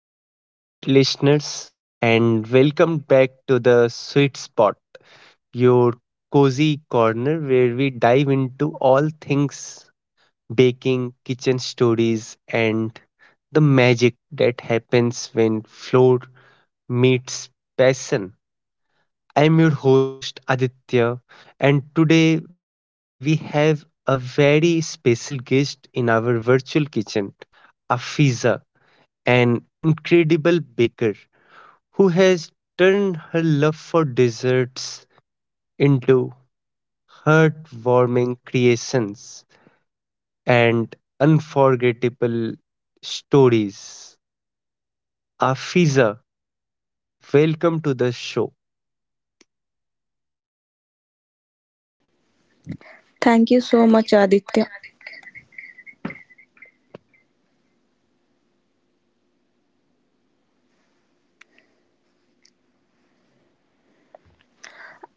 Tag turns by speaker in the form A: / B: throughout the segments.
A: Hello, sweet listeners, and welcome back to the Sweet Spot, your cozy corner where we dive into all things baking, kitchen stories, and the magic that happens when floor meets passion. I'm your host Aditya, and today we have a very special guest in our virtual kitchen, Afiza, an incredible baker who has turned her love for desserts into heartwarming creations and unforgettable stories. Afiza, welcome to the show.
B: Thank you so much, Aditya.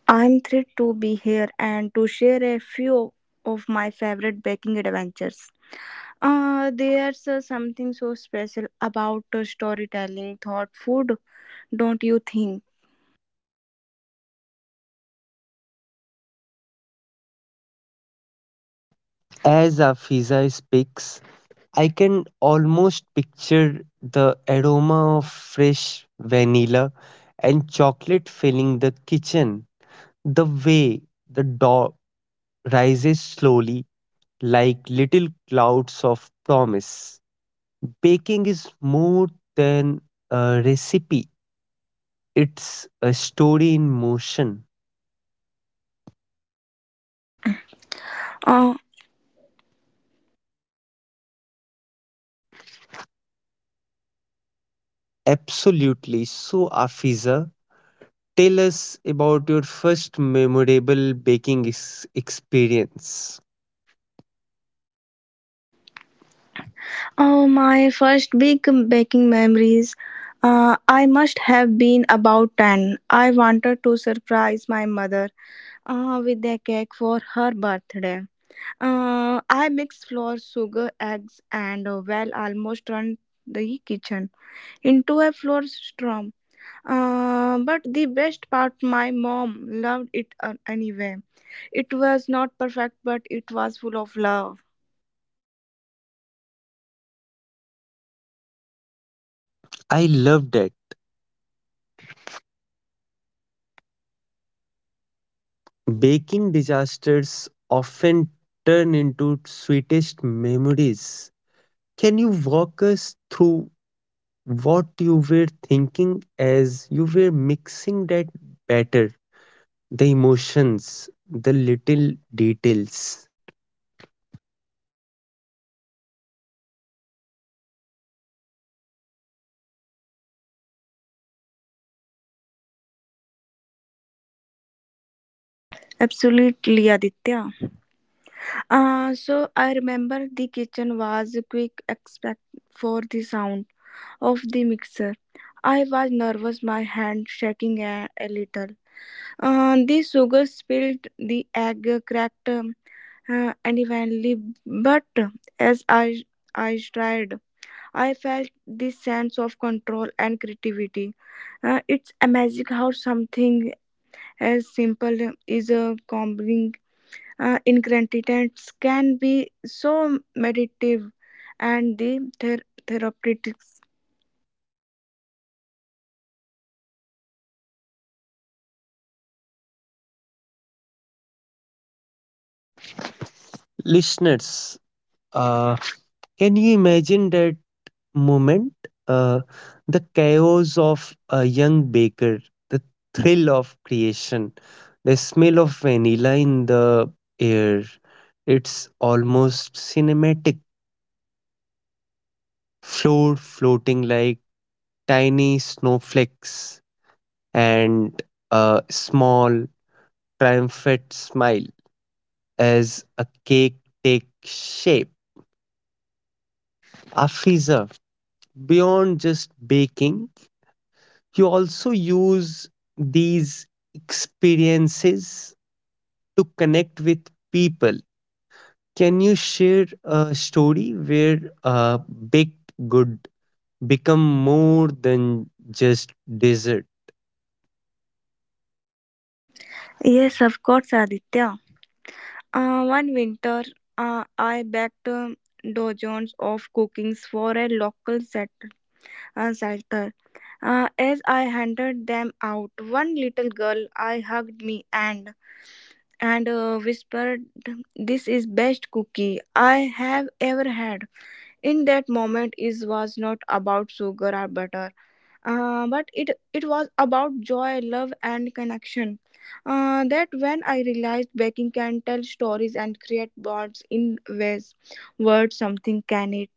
B: I'm thrilled to be here and to share a few of my favorite baking adventures. There's something so special about storytelling thought food, don't you think?
A: As Afiza speaks, I can almost picture the aroma of fresh vanilla and chocolate filling the kitchen, the way the dough rises slowly like little clouds of promise. Baking is more than a recipe, it's a story in motion.
B: Uh,
A: Absolutely. So, Afiza, tell us about your first memorable baking experience.
B: my first big baking memories. I must have been about 10. I wanted to surprise my mother with a cake for her birthday. I mix flour, sugar, eggs, and well, almost turn the kitchen into a flour storm. But the best part, my mom loved it anyway. It was not perfect, but it was full of love.
A: I loved it. Baking disasters often turn into sweetest memories. Can you walk us through what you were thinking as you were mixing that batter, the emotions, the little details?
B: Absolutely, Aditya. So I remember the kitchen was quick expect for the sound of the mixer. I was nervous, my hand shaking a little. The sugar spilled, the egg cracked, unevenly, but as I tried, I felt this sense of control and creativity. It's amazing how something as simple as a combining ingredients can be so meditative and the therapeutic.
A: Listeners, uh, can you imagine that moment? Uh, the chaos of a young baker, the thrill of creation, the smell of vanilla in the air. It's almost cinematic, floor floating like tiny snowflakes and a small, triumphant smile as a cake takes shape. Afiza, beyond just baking, you also use these experiences to connect with people. Can you share a story where a baked good become more than just dessert?
B: Yes, of course, Aditya. One winter, I baked dozens of cookies for a local shelter. As I handed them out, one little girl I hugged me and whispered, "This is best cookie I have ever had." In that moment, it was not about sugar or butter but it was about joy love and connection that when I realized baking can tell stories and create bonds in ways words something can it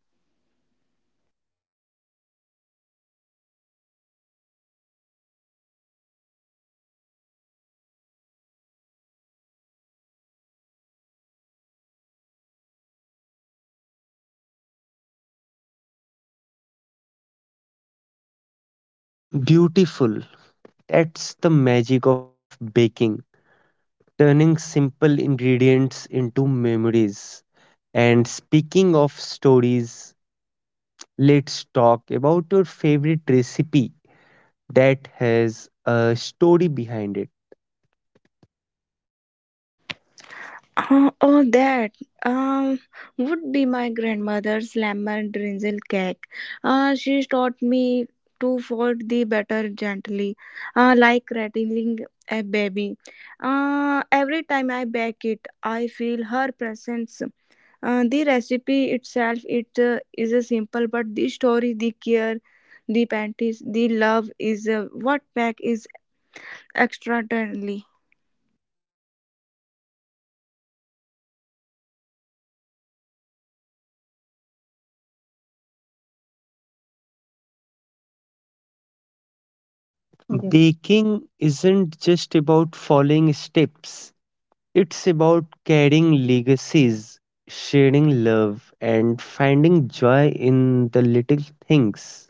A: Beautiful. That's the magic of baking, turning simple ingredients into memories. And speaking of stories, let's talk about your favorite recipe that has a story behind it.
B: uh, Oh, that um, would be my grandmother's lemon drizzle cake she taught me to fold the batter gently like rattling a baby every time I bake it I feel her presence. The recipe itself it is a simple, but the story, the care, the panties, the love is what back is extraordinarily.
A: Yeah. Baking isn't just about following steps, it's about carrying legacies, sharing love, and finding joy in the little things.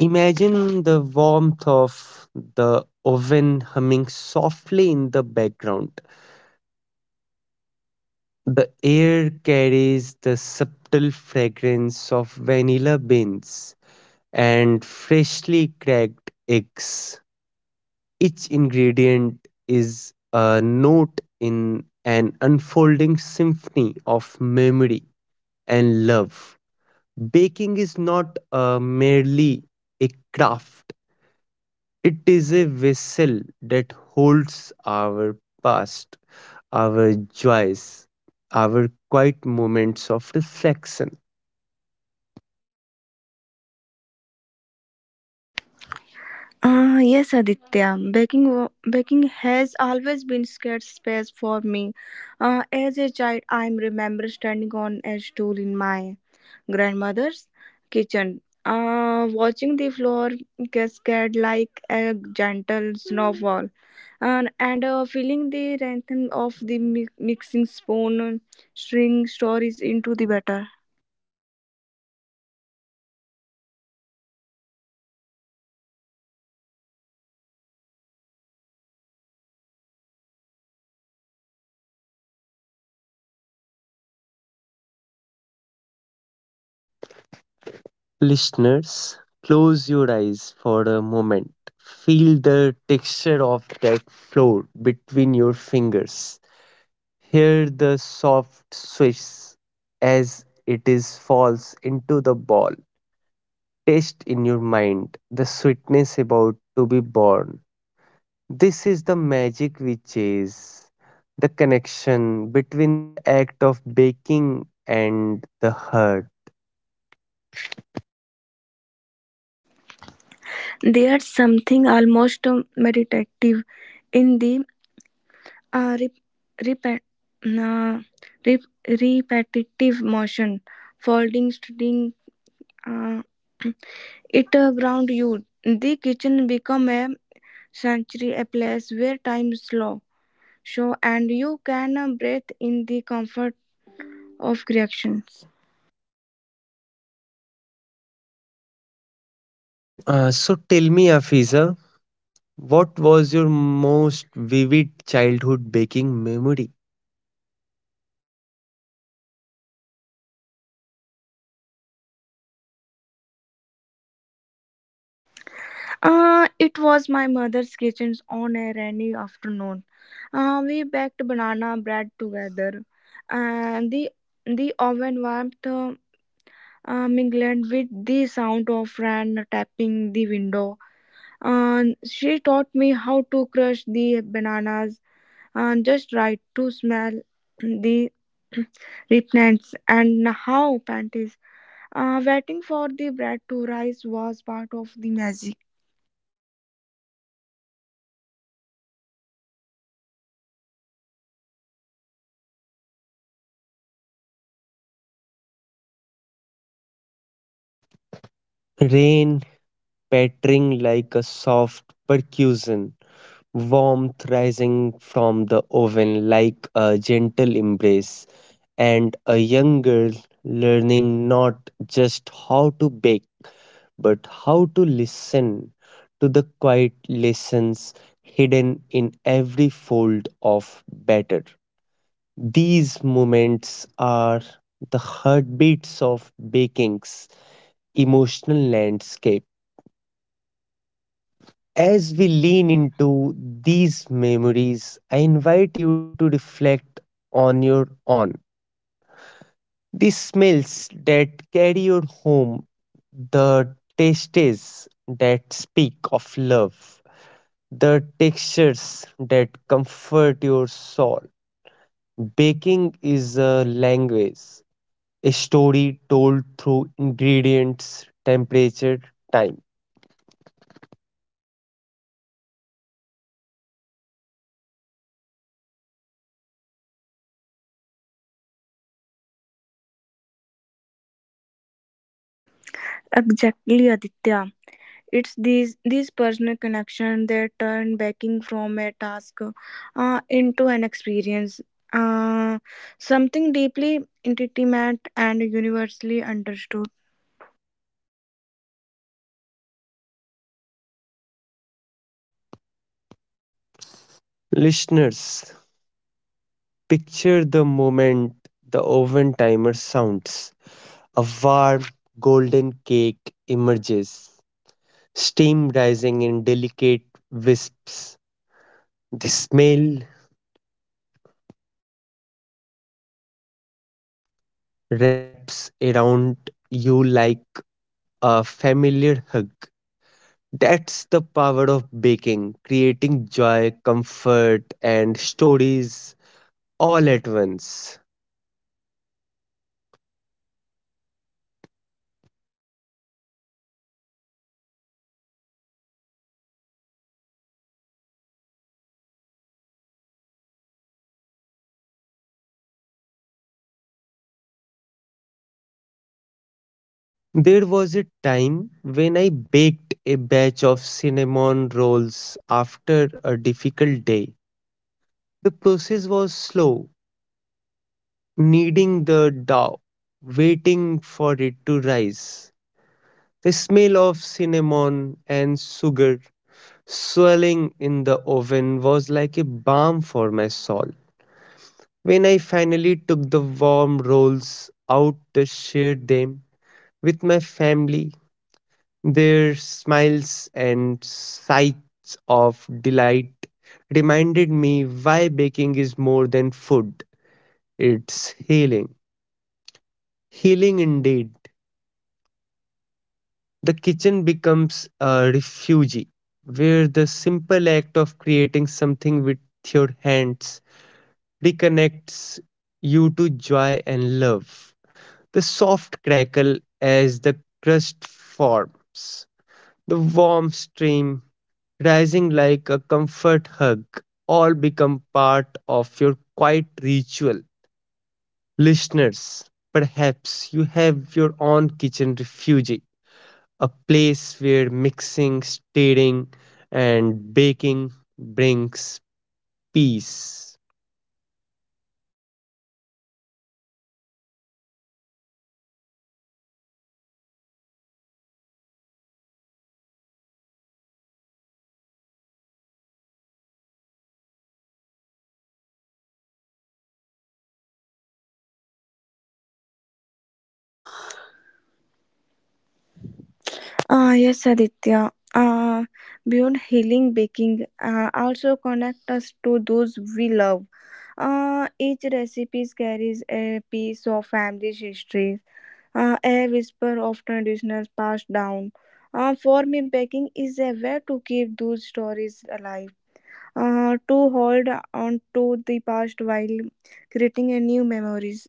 A: Imagine the warmth of the oven humming softly in the background. The air carries the subtle fragrance of vanilla beans and freshly cracked eggs. Each ingredient is a note in an unfolding symphony of memory and love. Baking is not merely a craft, it is a vessel that holds our past, our joys, our quiet moments of reflection.
B: Ah yes, Aditya. Baking has always been scared space for me. As a child, I remember standing on a stool in my grandmother's kitchen, watching the floor cascade like a gentle snowfall. And Filling the rhythm of the mixing spoon and string stories into the batter.
A: Listeners, close your eyes for a moment. Feel the texture of that floor between your fingers. Hear the soft swish as it is falls into the ball. Taste in your mind the sweetness about to be born. This is the magic we chase, the connection between the act of baking and the heart.
B: There's something almost meditative in the uh, rep- repe- uh, repetitive motion folding string uh, it ground you the kitchen become a sanctuary a place where time slow so and you can breathe in the comfort of creations.
A: So tell me, Afiza, what was your most vivid childhood baking memory?
B: It was my mother's kitchen on a rainy afternoon. We baked banana bread together, and the oven warmth mingled with the sound of rain tapping the window. She taught me how to crush the bananas just right to smell the ripeness and how panties. Waiting for the bread to rise was part of the magic.
A: Rain pattering like a soft percussion, warmth rising from the oven like a gentle embrace, and a young girl learning not just how to bake but how to listen to the quiet lessons hidden in every fold of batter. These moments are the heartbeats of baking's emotional landscape. As we lean into these memories, I invite you to reflect on your own. The smells that carry you home, the tastes that speak of love, the textures that comfort your soul. Baking is a language, a story told through ingredients, temperature, time.
B: Exactly, Aditya. It's these personal connection that turn backing from a task into an experience, uh, something deeply intimate and universally understood.
A: Listeners, picture the moment the oven timer sounds. A warm golden cake emerges, steam rising in delicate wisps. The smell wraps around you like a familiar hug. That's the power of baking, creating joy, comfort, and stories all at once. There was a time when I baked a batch of cinnamon rolls after a difficult day. The process was slow, kneading the dough, waiting for it to rise. The smell of cinnamon and sugar swirling in the oven was like a balm for my soul. When I finally took the warm rolls out to share them with my family, their smiles and sights of delight reminded me why baking is more than food, it's healing. Healing indeed. The kitchen becomes a refuge where the simple act of creating something with your hands reconnects you to joy and love. The soft crackle as the crust forms, the warm stream rising like a comfort hug, all become part of your quiet ritual. Listeners, perhaps you have your own kitchen refuge, a place where mixing, stirring, and baking brings peace.
B: Ah, yes, Aditya. Beyond healing, baking also connect us to those we love. Each recipe carries a piece of family's history, a whisper of traditions passed down. For me, baking is a way to keep those stories alive, to hold on to the past while creating a new memories.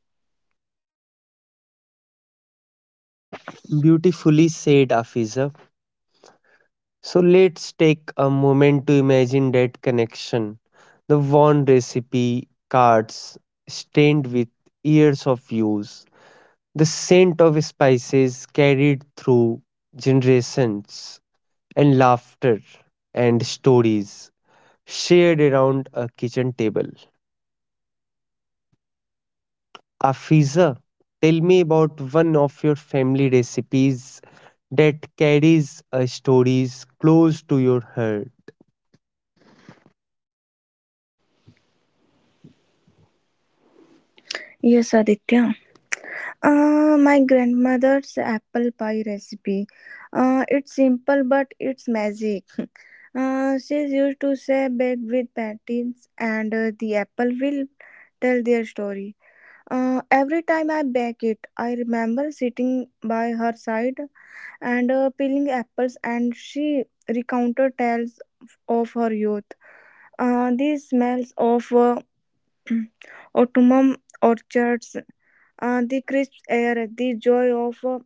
A: Beautifully said, Afiza. So let's take a moment to imagine that connection. The worn recipe cards stained with years of use, the scent of spices carried through generations, and laughter and stories shared around a kitchen table. Afiza, tell me about one of your family recipes that carries stories close to your heart.
B: Yes, Aditya. My grandmother's apple pie recipe. It's simple but it's magic. She used to say bake with patties and the apple will tell their story. Every time I bake it, I remember sitting by her side and peeling apples, and she recounted tales of her youth. The smells of autumn orchards, the crisp air, the joy of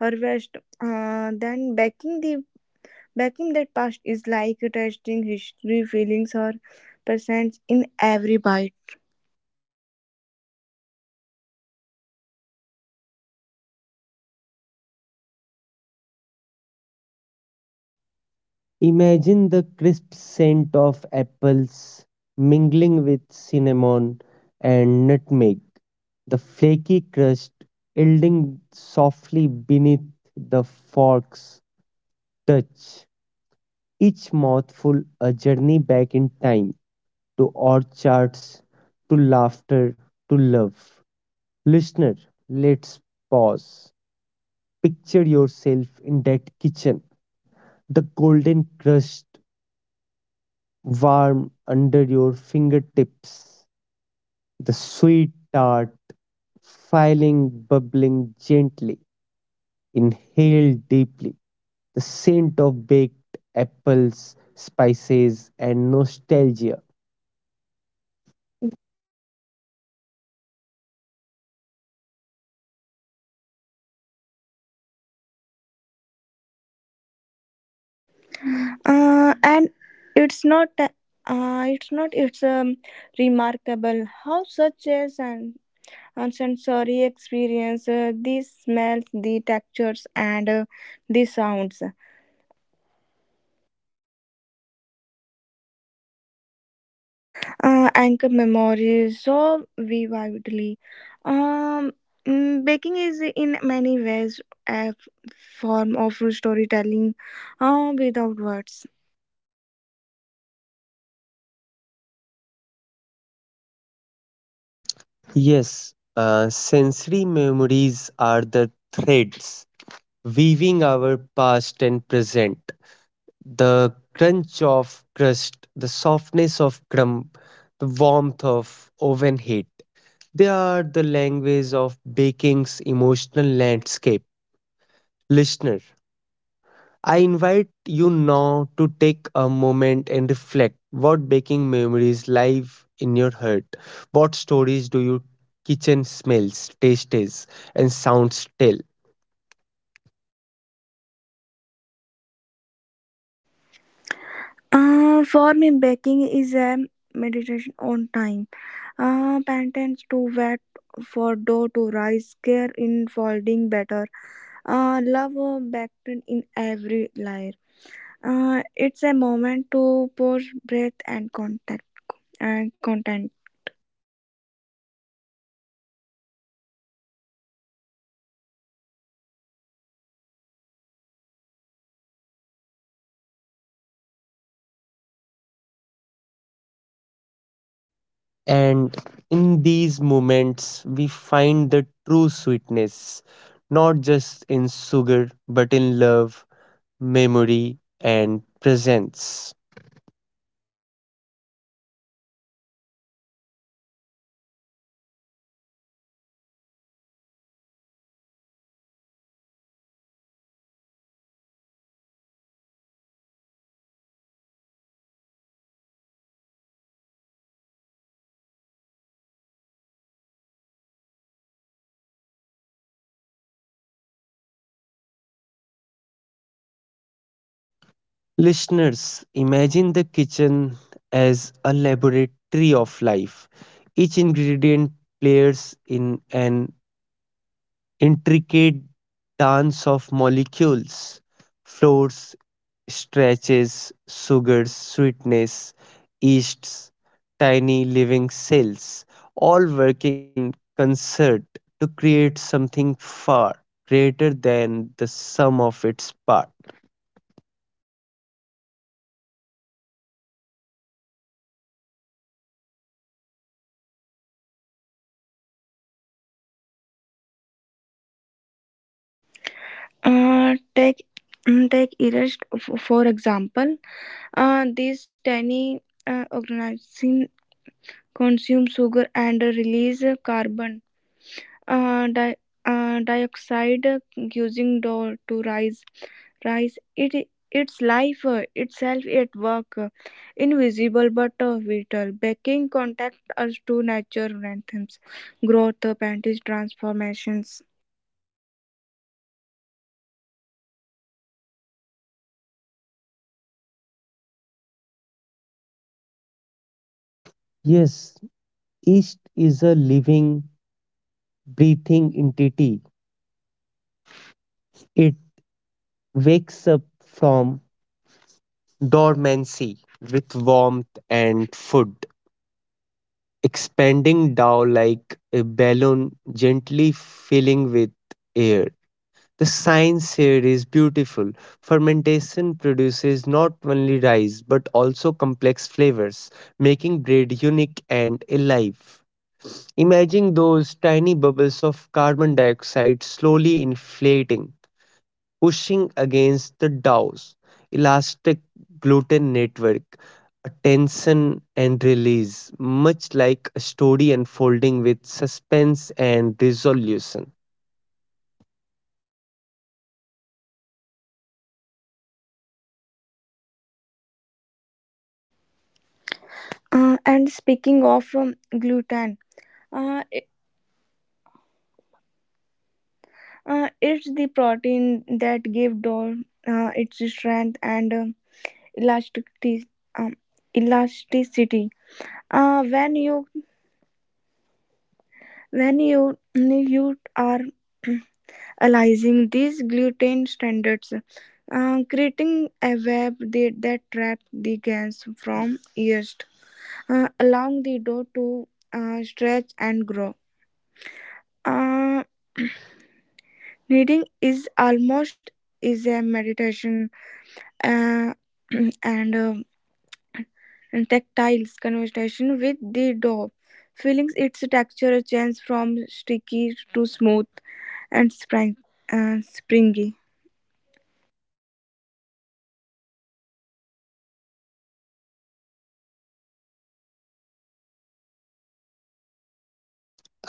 B: harvest. Then baking the baking that past is like tasting history, feelings her presence in every bite.
A: Imagine the crisp scent of apples mingling with cinnamon and nutmeg, the flaky crust yielding softly beneath the fork's touch. Each mouthful a journey back in time to orchards, to laughter, to love. Listener, let's pause. Picture yourself in that kitchen, the golden crust warm under your fingertips, the sweet tart filing, bubbling gently. Inhale deeply. The scent of baked apples, spices, and nostalgia.
B: And it's not it's Remarkable how such as an sensory experience the smells the textures and the sounds anchor memories so vividly. um Baking is in many ways a form of storytelling without words.
A: Yes, sensory memories are the threads weaving our past and present. The crunch of crust, the softness of crumb, the warmth of oven heat. They are the language of baking's emotional landscape. Listener, I invite you now to take a moment and reflect what baking memories live in your heart. What stories do your kitchen smells, tastes, and sounds tell?
B: For me baking is a meditation on time. Patterns too wet for dough to rise, care in folding batter, love baked in every layer. It's a moment to pause, breath, and contact and content.
A: And in these moments, we find the true sweetness, not just in sugar, but in love, memory, and presence. Listeners, imagine the kitchen as a laboratory of life. Each ingredient plays in an intricate dance of molecules, floors, stretches, sugars, sweetness, yeasts, tiny living cells, all working in concert to create something far greater than the sum of its parts.
B: Uh, take Take erased for example. These tiny organisms consume sugar and release carbon uh, di- dioxide, using dough to rise. It's life itself at work, invisible but vital. Baking contact us to nature anthems, growth, panties, transformations.
A: Yes, yeast is a living, breathing entity. It wakes up from dormancy with warmth and food, expanding down like a balloon, gently filling with air. The science here is beautiful. Fermentation produces not only rice but also complex flavors, making bread unique and alive. Imagine those tiny bubbles of carbon dioxide slowly inflating, pushing against the dough's elastic gluten network, a tension and release, much like a story unfolding with suspense and resolution.
B: And speaking of gluten, uh, it, it's the protein that give dough its strength and elasticity. Um, elasticity. When you are aligning these gluten standards, creating a web that traps the gains from yeast, allowing the dough to stretch and grow. Uh, Kneading is almost is a meditation uh, and uh, and tactiles conversation with the dough, feeling its texture change from sticky to smooth and springy.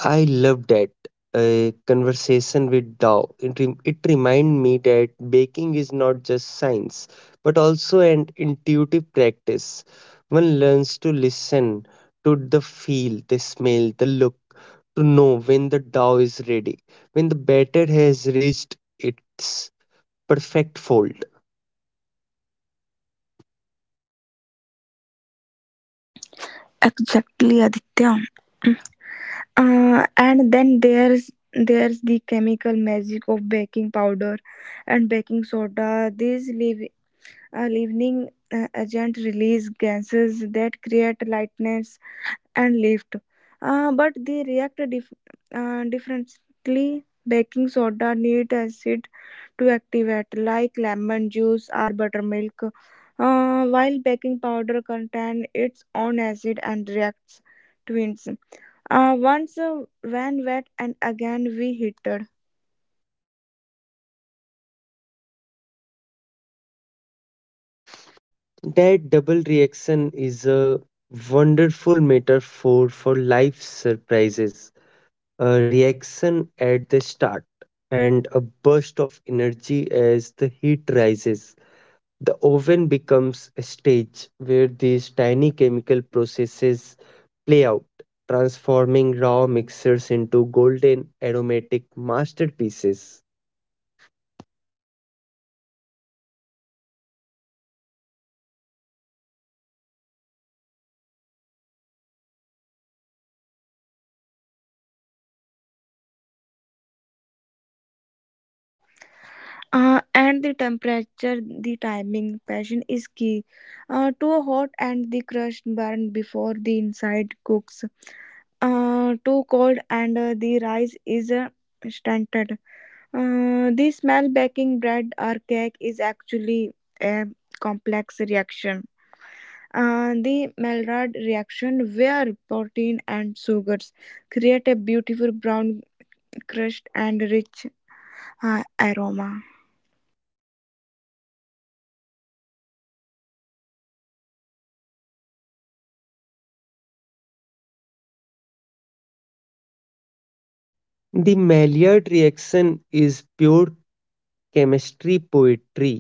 A: I love that conversation with Dao. It reminded me that baking is not just science, but also an intuitive practice. One learns to listen to the feel, the smell, the look, to know when the dough is ready, when the batter has reached its perfect fold.
B: Exactly, Aditya. Mm. And then there's the chemical magic of baking powder and baking soda. These leavening agent release gases that create lightness and lift, but they react differently. Baking soda needs acid to activate, like lemon juice or buttermilk, while baking powder contains its own acid and reacts twins. Once when wet and again we heated.
A: That double reaction is a wonderful metaphor for life's surprises, a reaction at the start, and a burst of energy as the heat rises. The oven becomes a stage where these tiny chemical processes play out, transforming raw mixtures into golden aromatic masterpieces.
B: And the temperature, the timing, passion is key. Too hot and the crust burn before the inside cooks. Too cold and the rice is stunted. The smell baking bread or cake is actually a complex reaction. The Maillard reaction, where protein and sugars create a beautiful brown crust and rich aroma.
A: The Maillard reaction is pure chemistry poetry,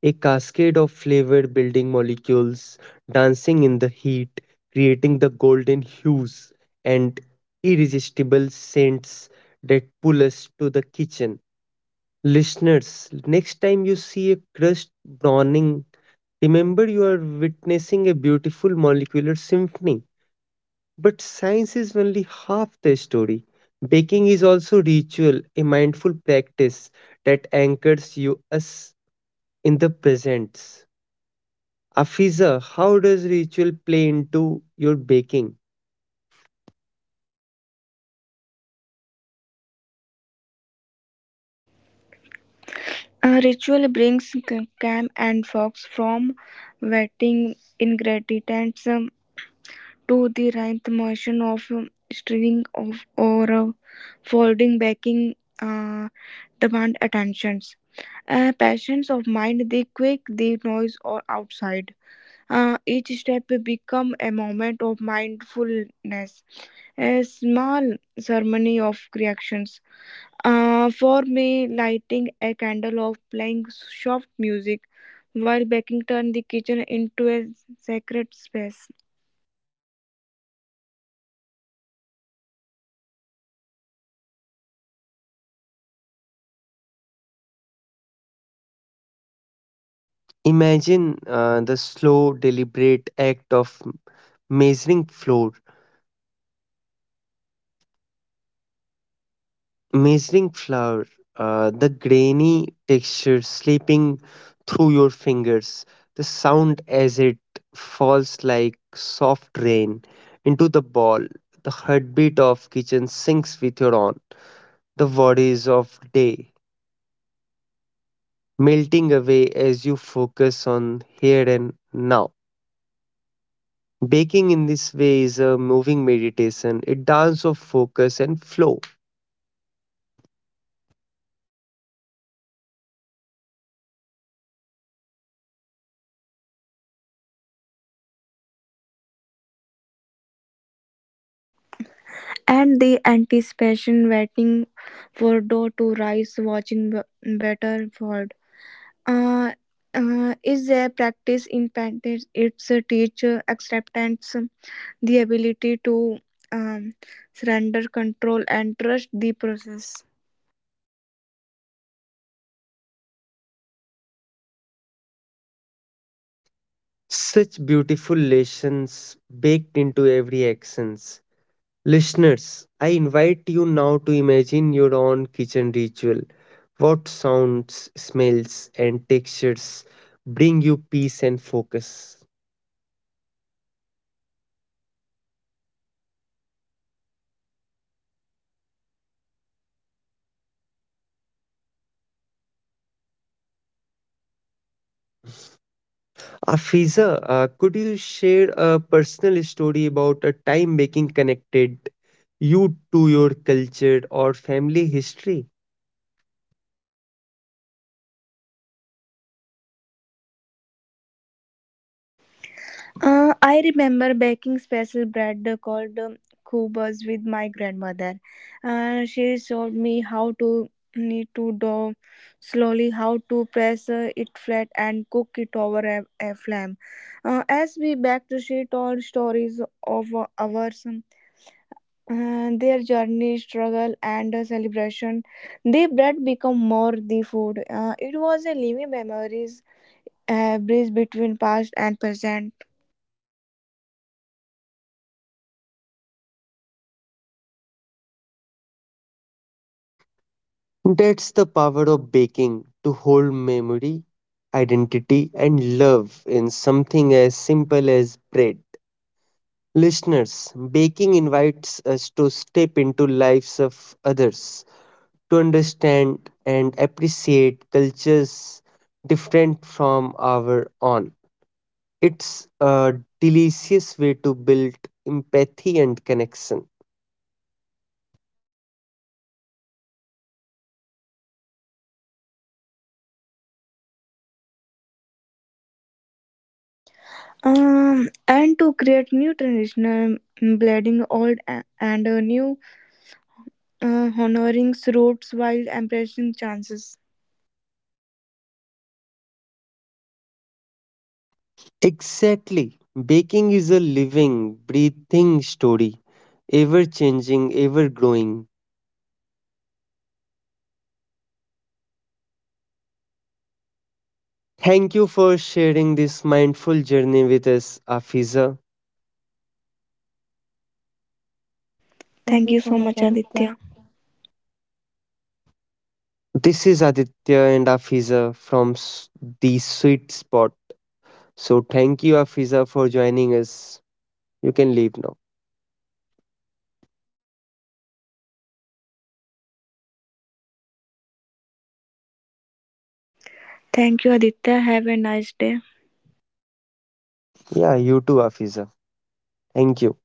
A: a cascade of flavored building molecules dancing in the heat, creating the golden hues and irresistible scents that pull us to the kitchen. Listeners, next time you see a crust browning, remember you are witnessing a beautiful molecular symphony. But science is only half the story. Baking is also ritual, a mindful practice that anchors you us in the present. Afiza, how does ritual play into your baking?
B: A ritual brings Cam and Fox from wetting ingredients to the ninth motion of stringing of or folding baking uh, demand attention. Passions of mind, they quick the noise or outside. Each step become a moment of mindfulness, a small ceremony of creations. For me, lighting a candle or playing soft music while baking turn the kitchen into a sacred space.
A: Imagine the slow, deliberate act of measuring flour, measuring flour, the grainy texture slipping through your fingers, the sound as it falls like soft rain into the bowl, the heartbeat of kitchen sinks with your own, the worries of day melting away as you focus on here and now. Baking in this way is a moving meditation, a dance of focus and flow.
B: And the anticipation waiting for dough to rise, watching batter fall. Uh, is a practice impacted its teacher acceptance, the ability to um, surrender control and trust the process.
A: Such beautiful lessons baked into every action. Listeners, I invite you now to imagine your own kitchen ritual. What sounds, smells, and textures bring you peace and focus? Afiza, could you share a personal story about a time making connected you to your culture or family history?
B: I remember baking special bread called kubas with my grandmother. She showed me how to knead to dough slowly, how to press it flat, and cook it over a flame. As we baked, she told stories of our. Their journey, struggle, and celebration. The bread become more the food. It was a living memories, a bridge between past and present.
A: That's the power of baking to hold memory, identity, and love in something as simple as bread. Listeners, baking invites us to step into lives of others, to understand and appreciate cultures different from our own. It's a delicious way to build empathy and connection.
B: And to create new traditional blending old and new, honoring roots while embracing chances.
A: Exactly. Baking is a living, breathing story, ever changing, ever growing. Thank you for sharing this mindful journey with us, Afiza. Thank
B: Thank
A: you
B: you
A: so
B: so
A: much,
B: much,
A: Aditya.
B: Aditya.
A: This is Aditya and Afiza from the Sweet Spot. So, thank you, Afiza, for joining us. You can leave now.
B: Thank you, Aditya. Have a nice day.
A: Yeah, you too, Afiza. Thank you.